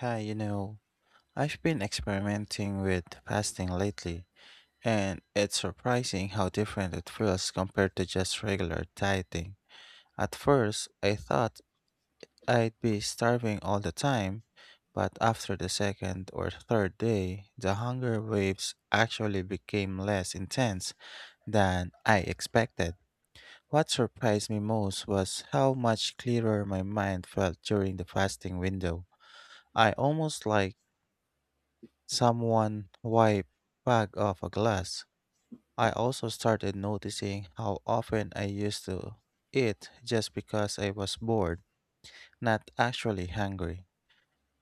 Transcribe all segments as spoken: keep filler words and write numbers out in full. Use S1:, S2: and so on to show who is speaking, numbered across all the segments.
S1: Hi, you know, I've been experimenting with fasting lately, and it's surprising how different it feels compared to just regular dieting. At first, I thought I'd be starving all the time, but after the second or third day, the hunger waves actually became less intense than I expected. What surprised me most was how much clearer my mind felt during the fasting window. I almost like someone wipe back off a glass. I also started noticing how often I used to eat just because I was bored, not actually hungry.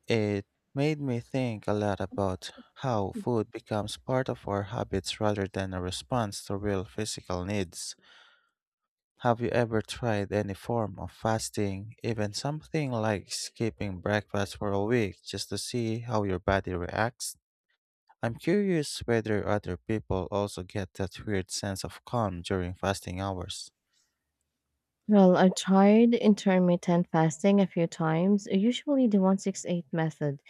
S1: It made me think a lot about how food becomes part of our habits rather than a response to real physical needs. Have you ever tried any form of fasting, even something like skipping breakfast for a week just to see how your body reacts? I'm curious whether other people also get that weird sense of calm during fasting hours.
S2: Well, I've tried intermittent fasting a few times, usually the one six eight method,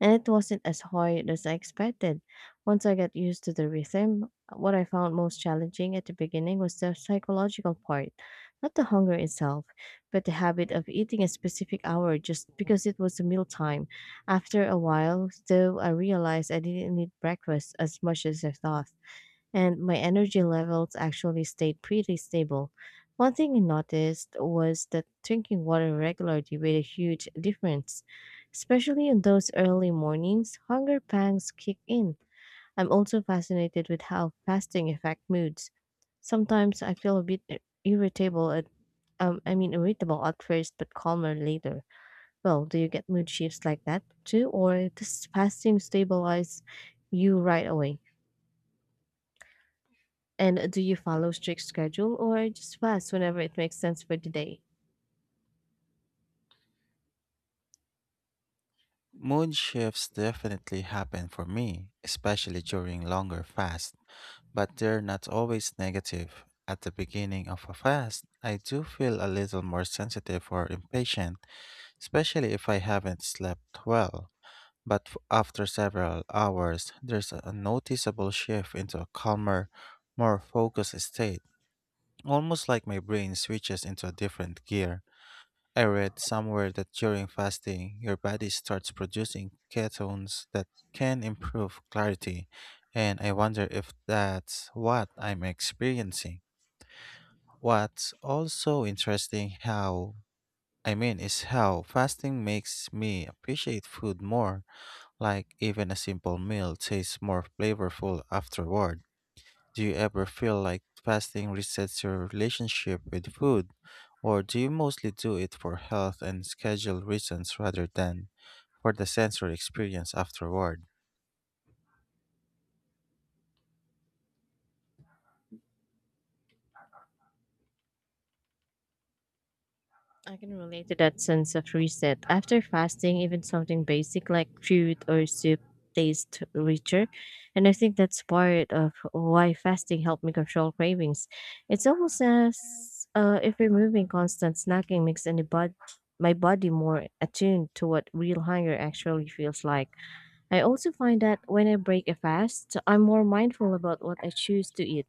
S2: and it wasn't as hard as I expected. Once I got used to the rhythm, what I found most challenging at the beginning was the psychological part, not the hunger itself, but the habit of eating a specific hour just because it was a meal time. After a while, though, I realized I didn't need breakfast as much as I thought and my energy levels actually stayed pretty stable. One thing I noticed was that drinking water regularly made a huge difference, especially in those early mornings. Hunger pangs kick in. I'm also fascinated with how fasting affects moods. Sometimes I feel a bit i- irritable at, um, I mean, irritable at first, but calmer later. Well, do you get mood shifts like that too, or does fasting stabilize you right away? And do you follow strict schedule or just fast whenever it makes sense for the day?
S1: Mood shifts definitely happen for me, especially during longer fasts, but they're not always negative. At the beginning of a fast, I do feel a little more sensitive or impatient, especially if I haven't slept well. But f- after several hours, there's a noticeable shift into a calmer, more focused state. Almost like my brain switches into a different gear. I read somewhere that during fasting, your body starts producing ketones that can improve clarity, and I wonder if that's what I'm experiencing. What's also interesting how I mean is how fasting makes me appreciate food more, like even a simple meal tastes more flavorful afterward. Do you ever feel like fasting resets your relationship with food, or do you mostly do it for health and schedule reasons rather than for the sensory experience afterward?
S2: I can relate to that sense of reset. After fasting, even something basic like fruit or soup tastes richer. And I think that's part of why fasting helped me control cravings. It's almost as uh, if removing constant snacking makes any bod- my body more attuned to what real hunger actually feels like. I also find that when I break a fast, I'm more mindful about what I choose to eat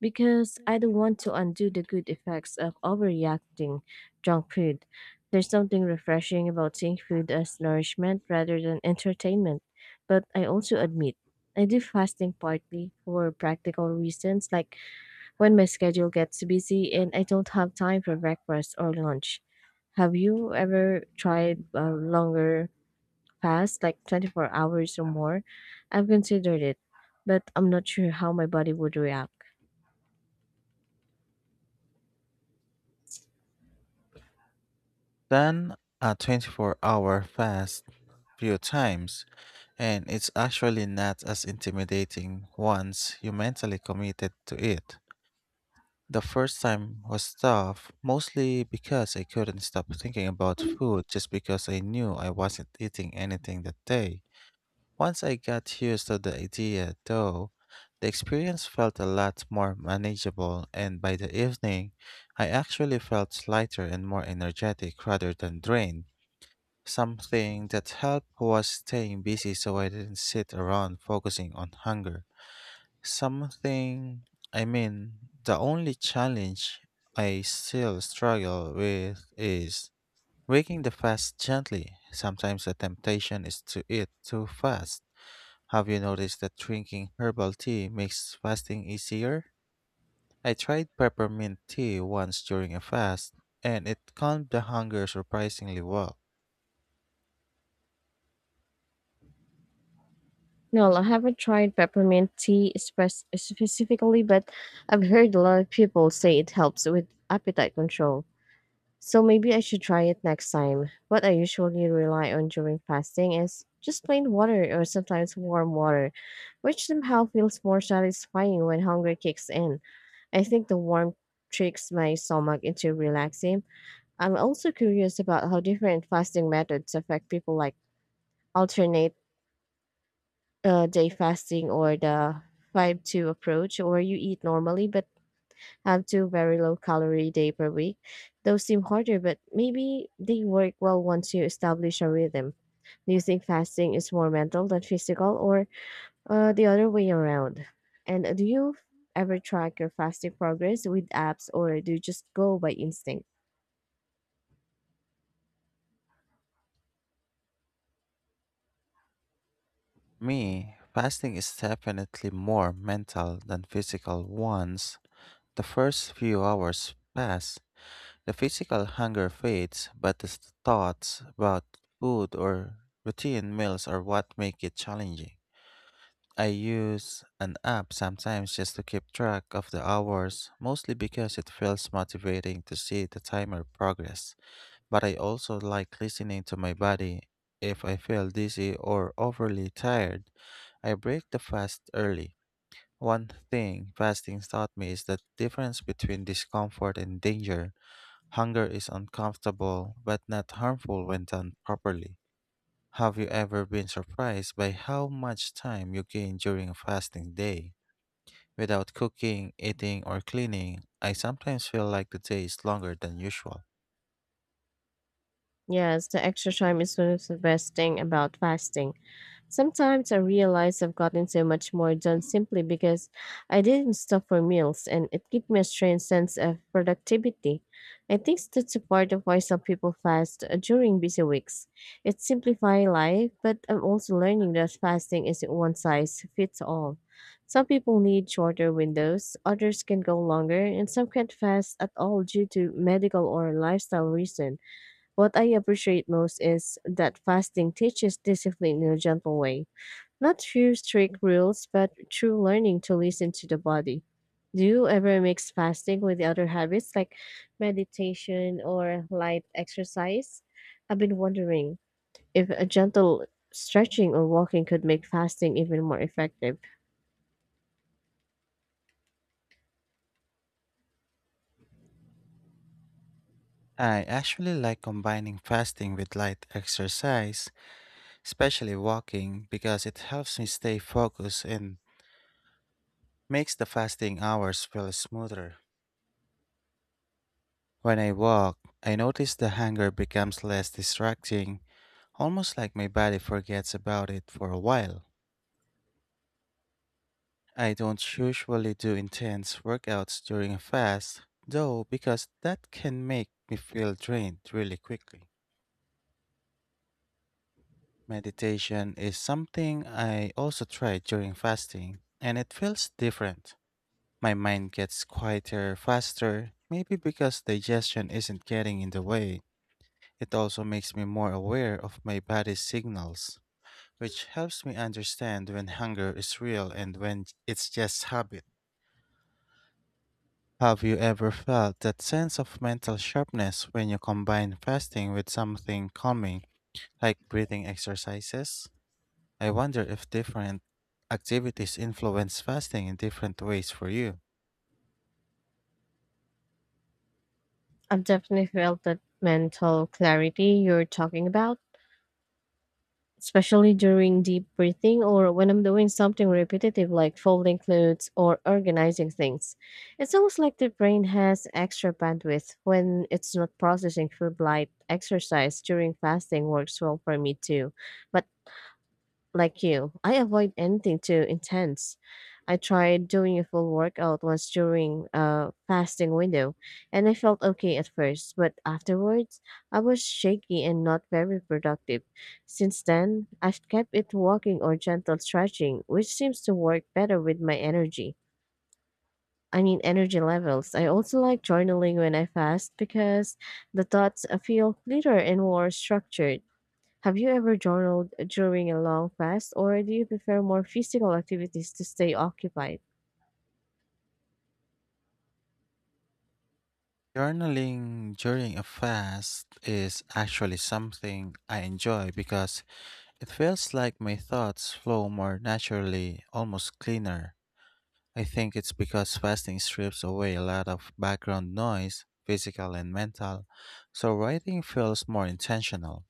S2: because I don't want to undo the good effects of overreacting junk food. There's something refreshing about seeing food as nourishment rather than entertainment. But I also admit, I do fasting partly for practical reasons, like when my schedule gets busy and I don't have time for breakfast or lunch. Have you ever tried a longer fast, like twenty-four hours or more? I've considered it, but I'm not sure how my body would react.
S1: Done a twenty-four hour fast few times, and it's actually not as intimidating once you mentally committed to it. The first time was tough, mostly because I couldn't stop thinking about food just because I knew I wasn't eating anything that day. Once I got used to the idea, though, the experience felt a lot more manageable, and by the evening, I actually felt lighter and more energetic rather than drained. Something that helped was staying busy so I didn't sit around focusing on hunger. Something, I mean, the only challenge I still struggle with is breaking the fast gently. Sometimes the temptation is to eat too fast have you noticed that drinking herbal tea makes fasting easier? I tried peppermint tea once during a fast, and it calmed the hunger surprisingly well.
S2: No, I haven't tried peppermint tea spec- specifically, but I've heard a lot of people say it helps with appetite control. So maybe I should try it next time. What I usually rely on during fasting is just plain water or sometimes warm water, which somehow feels more satisfying when hunger kicks in. I think the warmth tricks my stomach into relaxing. I'm also curious about how different fasting methods affect people like alternate uh, day fasting or the five two approach, or you eat normally but have two very low calorie day per week. Those seem harder, but maybe they work well once you establish a rhythm. Do you think fasting is more mental than physical, or uh, the other way around? And uh, do you ever track your fasting progress with apps, or do you just go by instinct?
S1: Me, fasting is definitely more mental than physical once the first few hours pass. The physical hunger fades, but the thoughts about food or routine meals are what make it challenging. I use an app sometimes just to keep track of the hours, mostly because it feels motivating to see the timer progress. But I also like listening to my body. If I feel dizzy or overly tired, I break the fast early. One thing fasting taught me is the difference between discomfort and danger. Hunger is uncomfortable but not harmful when done properly. Have you ever been surprised by how much time you gain during a fasting day? Without cooking, eating, or cleaning, I sometimes feel like the day is longer than usual.
S2: Yes, the extra time is one of the best thing about fasting. Sometimes I realize I've gotten so much more done simply because I didn't stop for meals and it gave me a strange sense of productivity. I think that's a part of why some people fast uh, during busy weeks. It simplifies life, but I'm also learning that fasting isn't one size fits all. Some people need shorter windows, others can go longer, and some can't fast at all due to medical or lifestyle reason. What I appreciate most is that fasting teaches discipline in a gentle way. Not through strict rules, but through learning to listen to the body. Do you ever mix fasting with the other habits like meditation or light exercise? I've been wondering if a gentle stretching or walking could make fasting even more effective.
S1: I actually like combining fasting with light exercise, especially walking, because it helps me stay focused and makes the fasting hours feel smoother. When I walk, I notice the hunger becomes less distracting, almost like my body forgets about it for a while. I don't usually do intense workouts during a fast, though, because that can make me feel drained really quickly. Meditation is something I also try during fasting, and it feels different. My mind gets quieter faster, maybe because digestion isn't getting in the way. It also makes me more aware of my body's signals, which helps me understand when hunger is real and when it's just habit. Have you ever felt that sense of mental sharpness when you combine fasting with something calming, like breathing exercises? I wonder if different activities influence fasting in different ways for you.
S2: I've definitely felt that mental clarity you're talking about, especially during deep breathing or when I'm doing something repetitive like folding clothes or organizing things. It's almost like the brain has extra bandwidth when it's not processing food light. Exercise during fasting works well for me too, but like you, I avoid anything too intense. I tried doing a full workout once during a fasting window, and I felt okay at first, but afterwards, I was shaky and not very productive. Since then, I've kept it walking or gentle stretching, which seems to work better with my energy. I mean, energy levels. I also like journaling when I fast because the thoughts uh, feel clearer and more structured. Have you ever journaled during a long fast, or do you prefer more physical activities to stay occupied?
S1: Journaling during a fast is actually something I enjoy because it feels like my thoughts flow more naturally, almost cleaner. I think it's because fasting strips away a lot of background noise, physical and mental, so writing feels more intentional.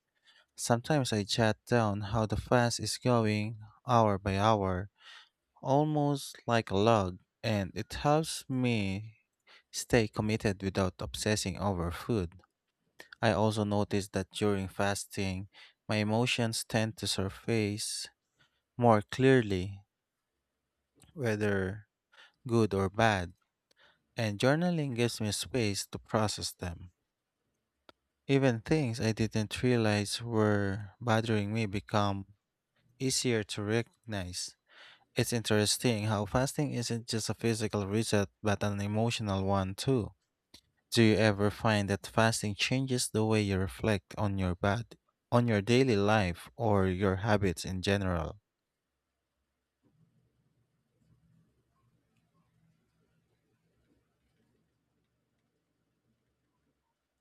S1: Sometimes I jot down how the fast is going hour by hour, almost like a log, and it helps me stay committed without obsessing over food. I also noticed that during fasting, my emotions tend to surface more clearly, whether good or bad. And journaling gives me space to process them. Even things I didn't realize were bothering me become easier to recognize. It's interesting how fasting isn't just a physical reset but an emotional one too. Do you ever find that fasting changes the way you reflect on your body, on your daily life or your habits in general?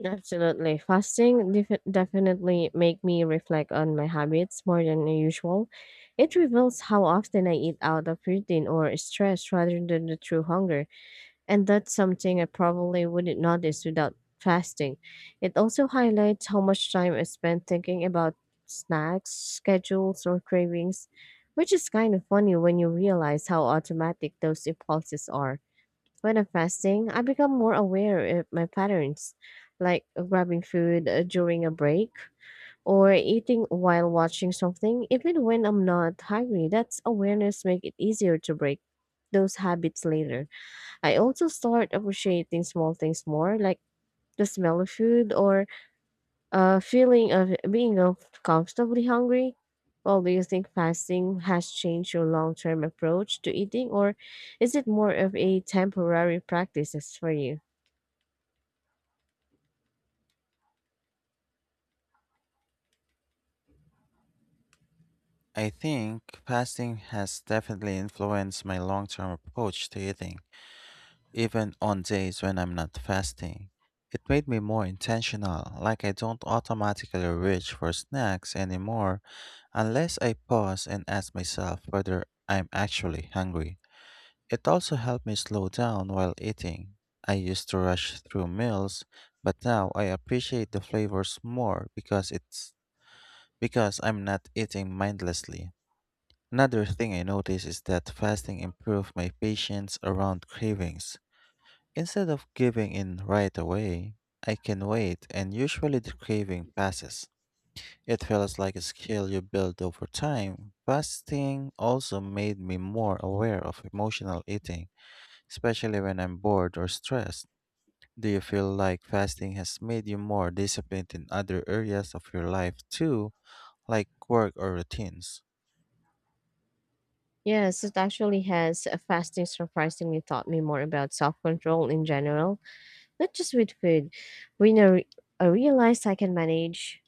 S2: Absolutely. Fasting def- definitely make me reflect on my habits more than usual. It reveals how often I eat out of routine or stress rather than the true hunger. And that's something I probably wouldn't notice without fasting. It also highlights how much time I spend thinking about snacks, schedules, or cravings, which is kind of funny when you realize how automatic those impulses are. When I'm fasting, I become more aware of my patterns, like grabbing food uh, during a break or eating while watching something, even when I'm not hungry. That's awareness make it easier to break those habits later. I also start appreciating small things more, like the smell of food or a feeling of being of comfortably hungry. Well, do you think fasting has changed your long term approach to eating, or is it more of a temporary practice as for you?
S1: I think fasting has definitely influenced my long-term approach to eating. Even on days when I'm not fasting, it made me more intentional, like I don't automatically reach for snacks anymore unless I pause and ask myself whether I'm actually hungry. It also helped me slow down while eating. I used to rush through meals, but now I appreciate the flavors more because it's because I'm not eating mindlessly. Another thing I noticed is that fasting improved my patience around cravings. Instead of giving in right away, I can wait and usually the craving passes. It feels like a skill you build over time. Fasting also made me more aware of emotional eating, especially when I'm bored or stressed. Do you feel like fasting has made you more disciplined in other areas of your life too, like work or routines?
S2: Yes, it actually has. uh, Fasting surprisingly taught me more about self control in general, not just with food. When I, re- I realized I can manage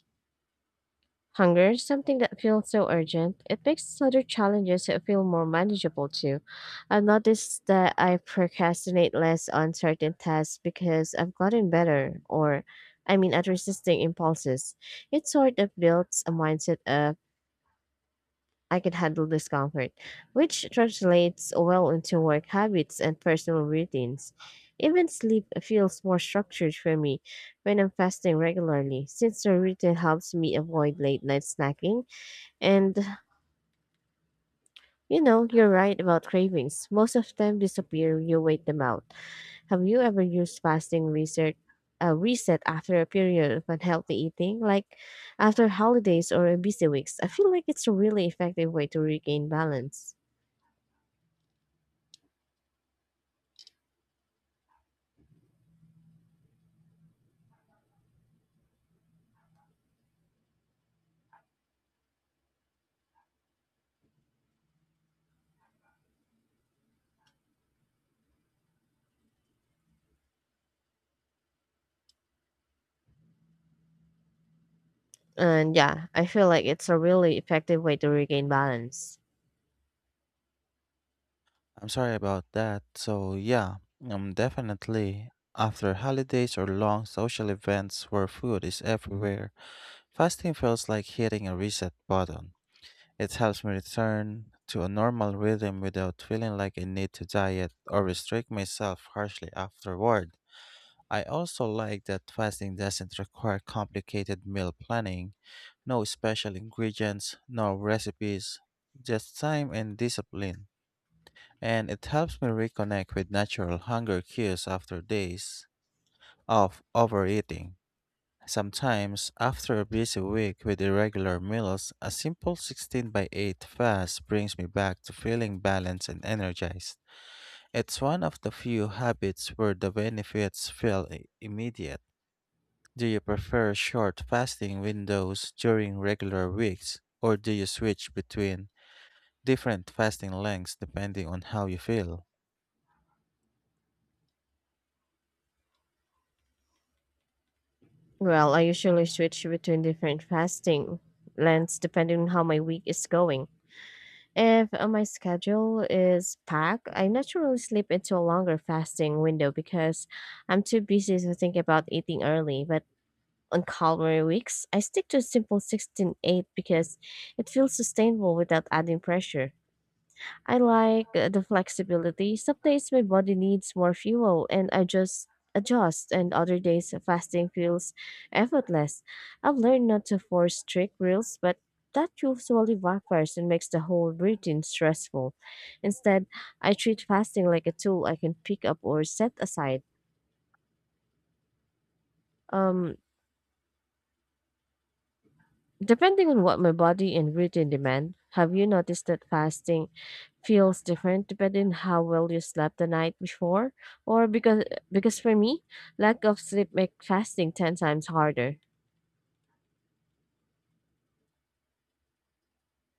S2: hunger is something that feels so urgent. It makes other challenges feel more manageable too. I've noticed that I procrastinate less on certain tasks because I've gotten better, or I mean, at resisting impulses. It sort of builds a mindset of I can handle discomfort, which translates well into work habits and personal routines. Even sleep feels more structured for me when I'm fasting regularly, since the routine helps me avoid late night snacking and you know, you're right about cravings. Most of them disappear when you wait them out. Have you ever used fasting reset, uh, reset after a period of unhealthy eating, like after holidays or busy weeks? I feel like it's a really effective way to regain balance. And yeah, I feel like it's a really effective way to regain balance.
S1: I'm sorry about that. So, yeah, um, definitely. After holidays or long social events where food is everywhere, fasting feels like hitting a reset button. It helps me return to a normal rhythm without feeling like I need to diet or restrict myself harshly afterward. I also like that fasting doesn't require complicated meal planning, no special ingredients, no recipes, just time and discipline and it helps me reconnect with natural hunger cues after days of overeating. Sometimes, after a busy week with irregular meals, a simple sixteen by eight fast brings me back to feeling balanced and energized. It's one of the few habits where the benefits feel i- immediate. Do you prefer short fasting windows during regular weeks, or do you switch between different fasting lengths depending on how you feel?
S2: Well, I usually switch between different fasting lengths depending on how my week is going. If uh, my schedule is packed, I naturally slip into a longer fasting window because I'm too busy to think about eating early. But on calmer weeks, I stick to a simple sixteen eight because it feels sustainable without adding pressure. I like uh, the flexibility. Some days my body needs more fuel and I just adjust, and other days fasting feels effortless. I've learned not to force strict rules, but that usually backfires and makes the whole routine stressful. Instead, I treat fasting like a tool I can pick up or set aside. Um, Depending on what my body and routine demand, have you noticed that fasting feels different depending on how well you slept the night before? Or because because for me, lack of sleep makes fasting ten times harder.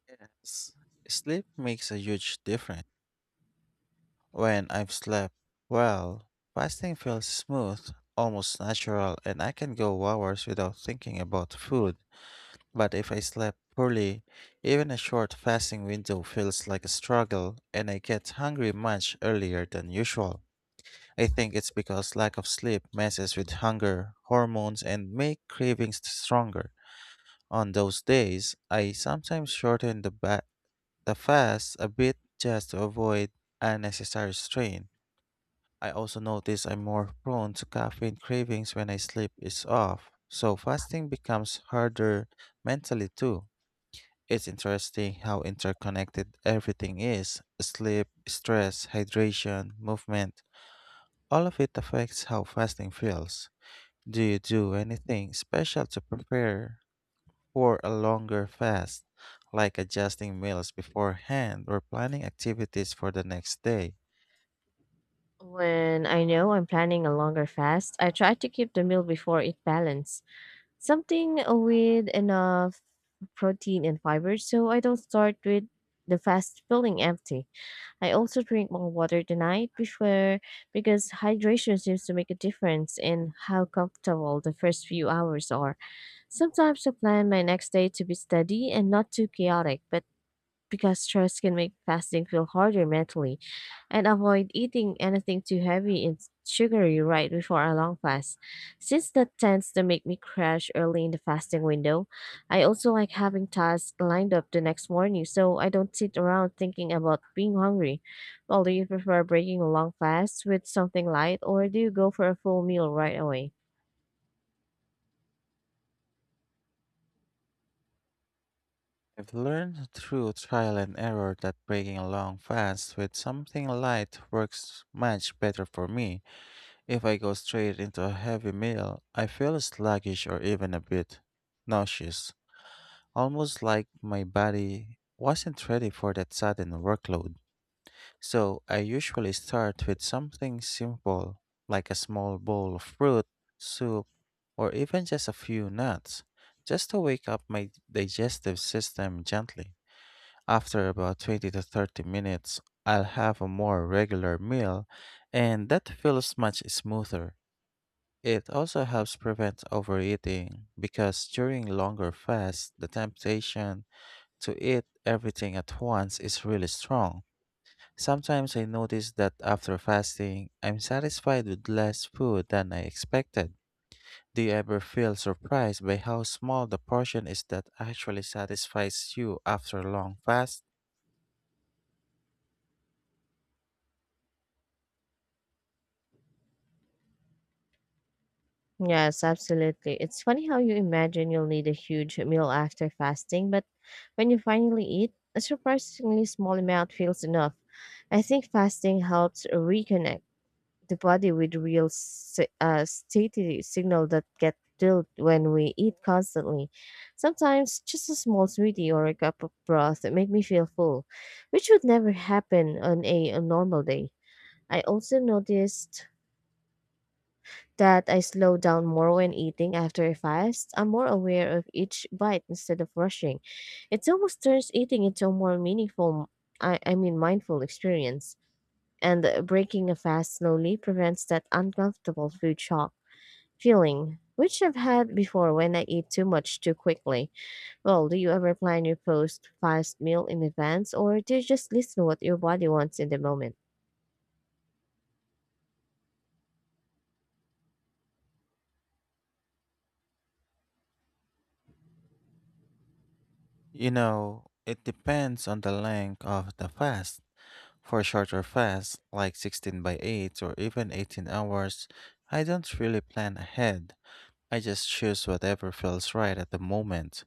S1: Yes. Sleep makes a huge difference. When I've slept well, fasting feels smooth, almost natural, and I can go hours without thinking about food. But if I slept poorly, even a short fasting window feels like a struggle, and I get hungry much earlier than usual. I think it's because lack of sleep messes with hunger, hormones, and make cravings stronger. On those days, I sometimes shorten the ba- the fast a bit just to avoid unnecessary strain. I also notice I'm more prone to caffeine cravings when I sleep is off, so fasting becomes harder mentally too. It's interesting how interconnected everything is sleep, stress, hydration, movement. All of it affects how fasting feels. Do you do anything special to prepare for a longer fast, like adjusting meals beforehand or planning activities for the next day.
S2: When I know I'm planning a longer fast, I try to keep the meal before it balanced. Something with enough protein and fiber so I don't start with the fast feeling empty. I also drink more water tonight before because hydration seems to make a difference in how comfortable the first few hours are. Sometimes I plan my next day to be steady and not too chaotic, but because stress can make fasting feel harder mentally and avoid eating anything too heavy and sugary right before a long fast, since that tends to make me crash early in the fasting window. I also like having tasks lined up the next morning so I don't sit around thinking about being hungry. Well, do you prefer breaking a long fast with something light, or do you go for a full meal right away?
S1: I've learned through trial and error that breaking a long fast with something light works much better for me. If I go straight into a heavy meal, I feel sluggish or even a bit nauseous, almost like my body wasn't ready for that sudden workload. So I usually start with something simple, like a small bowl of fruit, soup, or even just a few nuts, just to wake up my digestive system gently. After about twenty to thirty minutes, I'll have a more regular meal, and that feels much smoother. It also helps prevent overeating because during longer fasts, the temptation to eat everything at once is really strong. Sometimes I notice that after fasting, I'm satisfied with less food than I expected. Do you ever feel surprised by how small the portion is that actually satisfies you after a long fast?
S2: Yes, absolutely. It's funny how you imagine you'll need a huge meal after fasting, but when you finally eat, a surprisingly small amount feels enough. I think fasting helps reconnect the body with real si- uh, satiety signal that get dulled when we eat constantly. Sometimes just a small smoothie or a cup of broth make me feel full, which would never happen on a, a normal day. I also noticed that I slow down more when eating after a fast. I'm more aware of each bite instead of rushing. It almost turns eating into a more meaningful, I, I mean, mindful experience. And uh, breaking a fast slowly prevents that uncomfortable food shock feeling, which I've had before when I eat too much too quickly. Well, do you ever plan your post fast meal in advance, or do you just listen to what your body wants in the moment?
S1: You know, it depends on the length of the fast. For shorter fasts, like sixteen by eight or even eighteen hours, I don't really plan ahead. I just choose whatever feels right at the moment.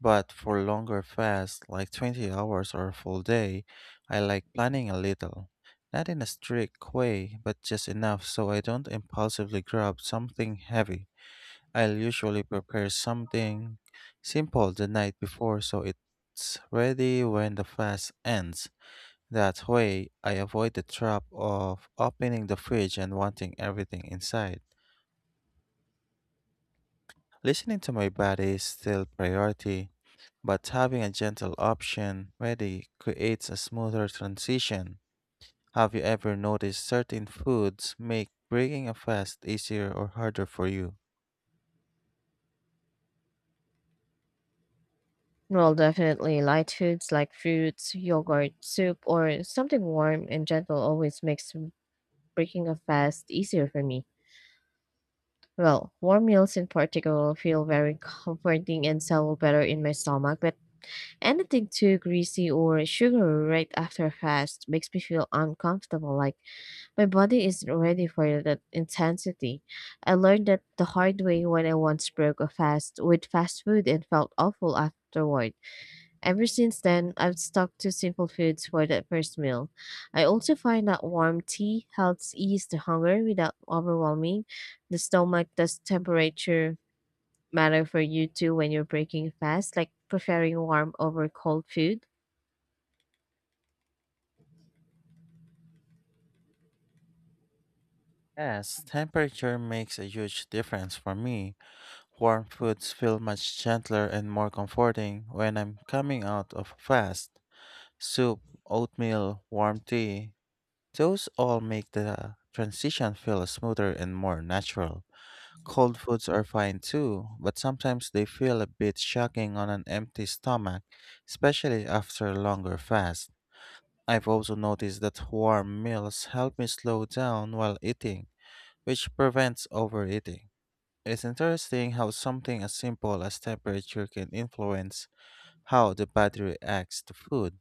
S1: But for longer fasts, like twenty hours or a full day, I like planning a little. Not in a strict way, but just enough so I don't impulsively grab something heavy. I'll usually prepare something simple the night before so it's ready when the fast ends. That way, I avoid the trap of opening the fridge and wanting everything inside. Listening to my body is still priority, but having a gentle option ready creates a smoother transition. Have you ever noticed certain foods make breaking a fast easier or harder for you?
S2: Well, definitely light foods like fruits, yogurt, soup, or something warm and gentle always makes m- breaking a fast easier for me. Well, warm meals in particular feel very comforting and settle better in my stomach, but anything too greasy or sugary right after a fast makes me feel uncomfortable, like my body isn't ready for that intensity. I learned that the hard way when I once broke a fast with fast food and felt awful afterward. Ever since then, I've stuck to simple foods for that first meal. I also find that warm tea helps ease the hunger without overwhelming the stomach. Does temperature matter for you too when you're breaking fast, like preferring warm over cold food?
S1: Yes, temperature makes a huge difference for me. Warm foods feel much gentler and more comforting when I'm coming out of a fast. Soup, oatmeal, warm tea, those all make the transition feel smoother and more natural. Cold foods are fine too, but sometimes they feel a bit shocking on an empty stomach, especially after a longer fast. I've also noticed that warm meals help me slow down while eating, which prevents overeating. It's interesting how something as simple as temperature can influence how the body reacts to food.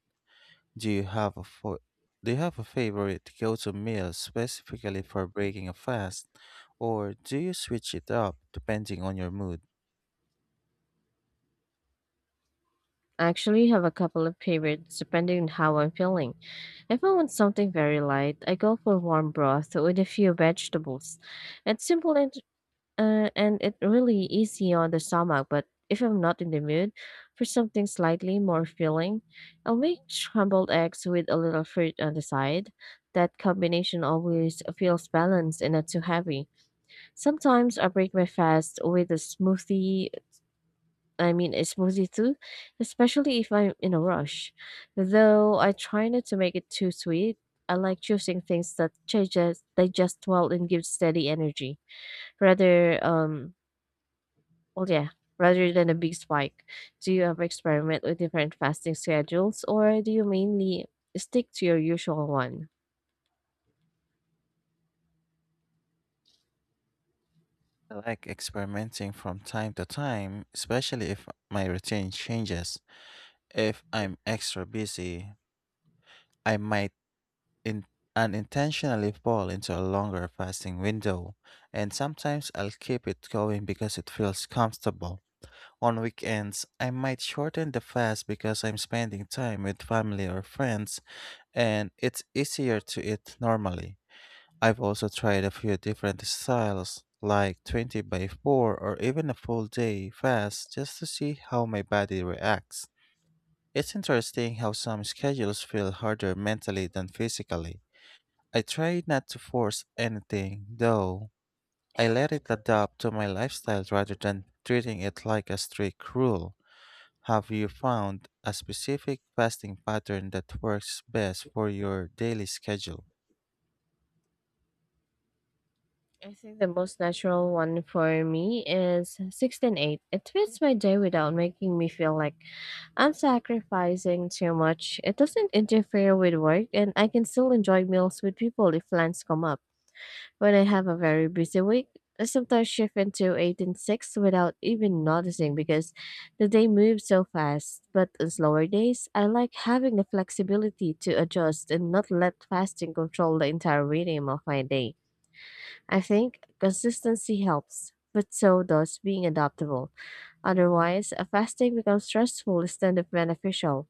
S1: Do you have a fo- do you have a favorite go-to meal specifically for breaking a fast, or do you switch it up depending on your mood?
S2: I actually have a couple of favorites depending on how I'm feeling. If I want something very light, I go for warm broth with a few vegetables. It's simple and Uh, and it really easy on the stomach, but if I'm not in the mood for something slightly more filling, I'll make scrambled eggs with a little fruit on the side. That combination always feels balanced and not too heavy. Sometimes I break my fast with a smoothie, I mean a smoothie too, especially if I'm in a rush. Though I try not to make it too sweet, I like choosing things that digest, digest well and give steady energy rather um well, yeah, rather than a big spike. Do you ever experiment with different fasting schedules or do you mainly stick to your usual one?
S1: I like experimenting from time to time, especially if my routine changes. If I'm extra busy, I might in- unintentionally fall into a longer fasting window, and sometimes I'll keep it going because it feels comfortable. On weekends, I might shorten the fast because I'm spending time with family or friends and it's easier to eat normally. I've also tried a few different styles, like twenty by four or even a full day fast, just to see how my body reacts. It's interesting how some schedules feel harder mentally than physically. I try not to force anything, though. I let it adapt to my lifestyle rather than treating it like a strict rule. Have you found a specific fasting pattern that works best for your daily schedule?
S2: I think the most natural one for me is sixteen eight. It fits my day without making me feel like I'm sacrificing too much. It doesn't interfere with work, and I can still enjoy meals with people if plans come up. When I have a very busy week, I sometimes shift into eight and six without even noticing because the day moves so fast. But on slower days, I like having the flexibility to adjust and not let fasting control the entire rhythm of my day. I think consistency helps, but so does being adaptable. Otherwise, a fasting becomes stressful instead of beneficial.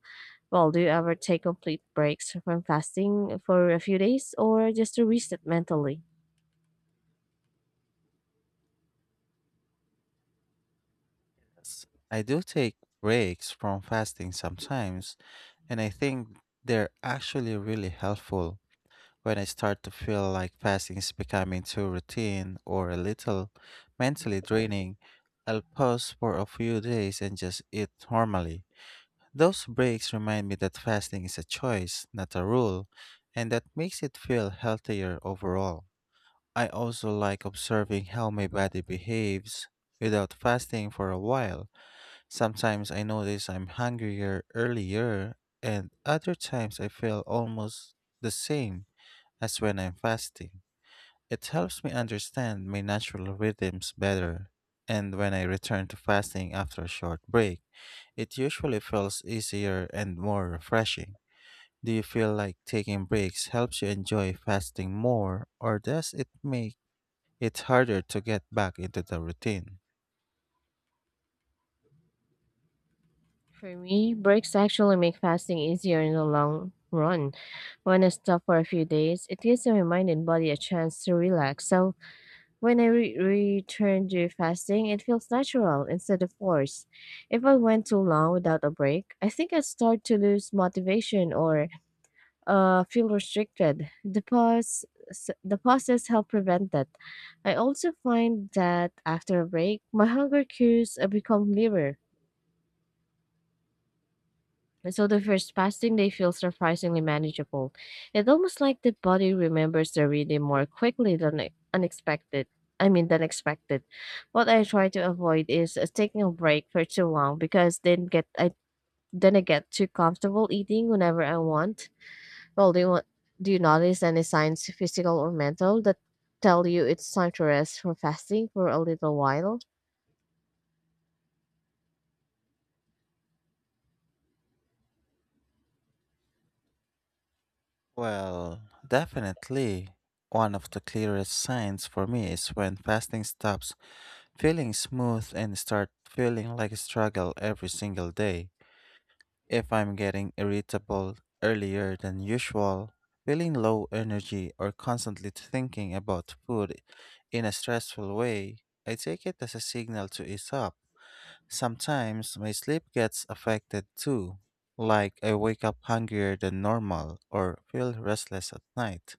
S2: Well, do you ever take complete breaks from fasting for a few days or just to reset mentally?
S1: Yes. I do take breaks from fasting sometimes, and I think they're actually really helpful. When I start to feel like fasting is becoming too routine or a little mentally draining, I'll pause for a few days and just eat normally. Those breaks remind me that fasting is a choice, not a rule, and that makes it feel healthier overall. I also like observing how my body behaves without fasting for a while. Sometimes I notice I'm hungrier earlier, and other times I feel almost the same as when I'm fasting. It helps me understand my natural rhythms better. And when I return to fasting after a short break, it usually feels easier and more refreshing. Do you feel like taking breaks helps you enjoy fasting more, or does it make it's harder to get back into the routine?
S2: For me, breaks actually make fasting easier in the long run. When I stop for a few days, it gives my mind and body a chance to relax. So when I re- return to fasting, it feels natural instead of forced. If I went too long without a break, I think I start to lose motivation or uh, feel restricted. The pause, s- the pauses help prevent that. I also find that after a break, my hunger cues uh, become clearer. And so the first fasting day feels surprisingly manageable. It's almost like the body remembers the rhythm more quickly than e- unexpected. I mean, than expected. What I try to avoid is uh, taking a break for too long because then get I then I get too comfortable eating whenever I want. Well, do you want, do you notice any signs, physical or mental, that tell you it's time to rest for fasting for a little while?
S1: Well, definitely. One of the clearest signs for me is when fasting stops feeling smooth and start feeling like a struggle every single day. If I'm getting irritable earlier than usual, feeling low energy or constantly thinking about food in a stressful way, I take it as a signal to ease up. Sometimes my sleep gets affected too, like I wake up hungrier than normal or feel restless at night.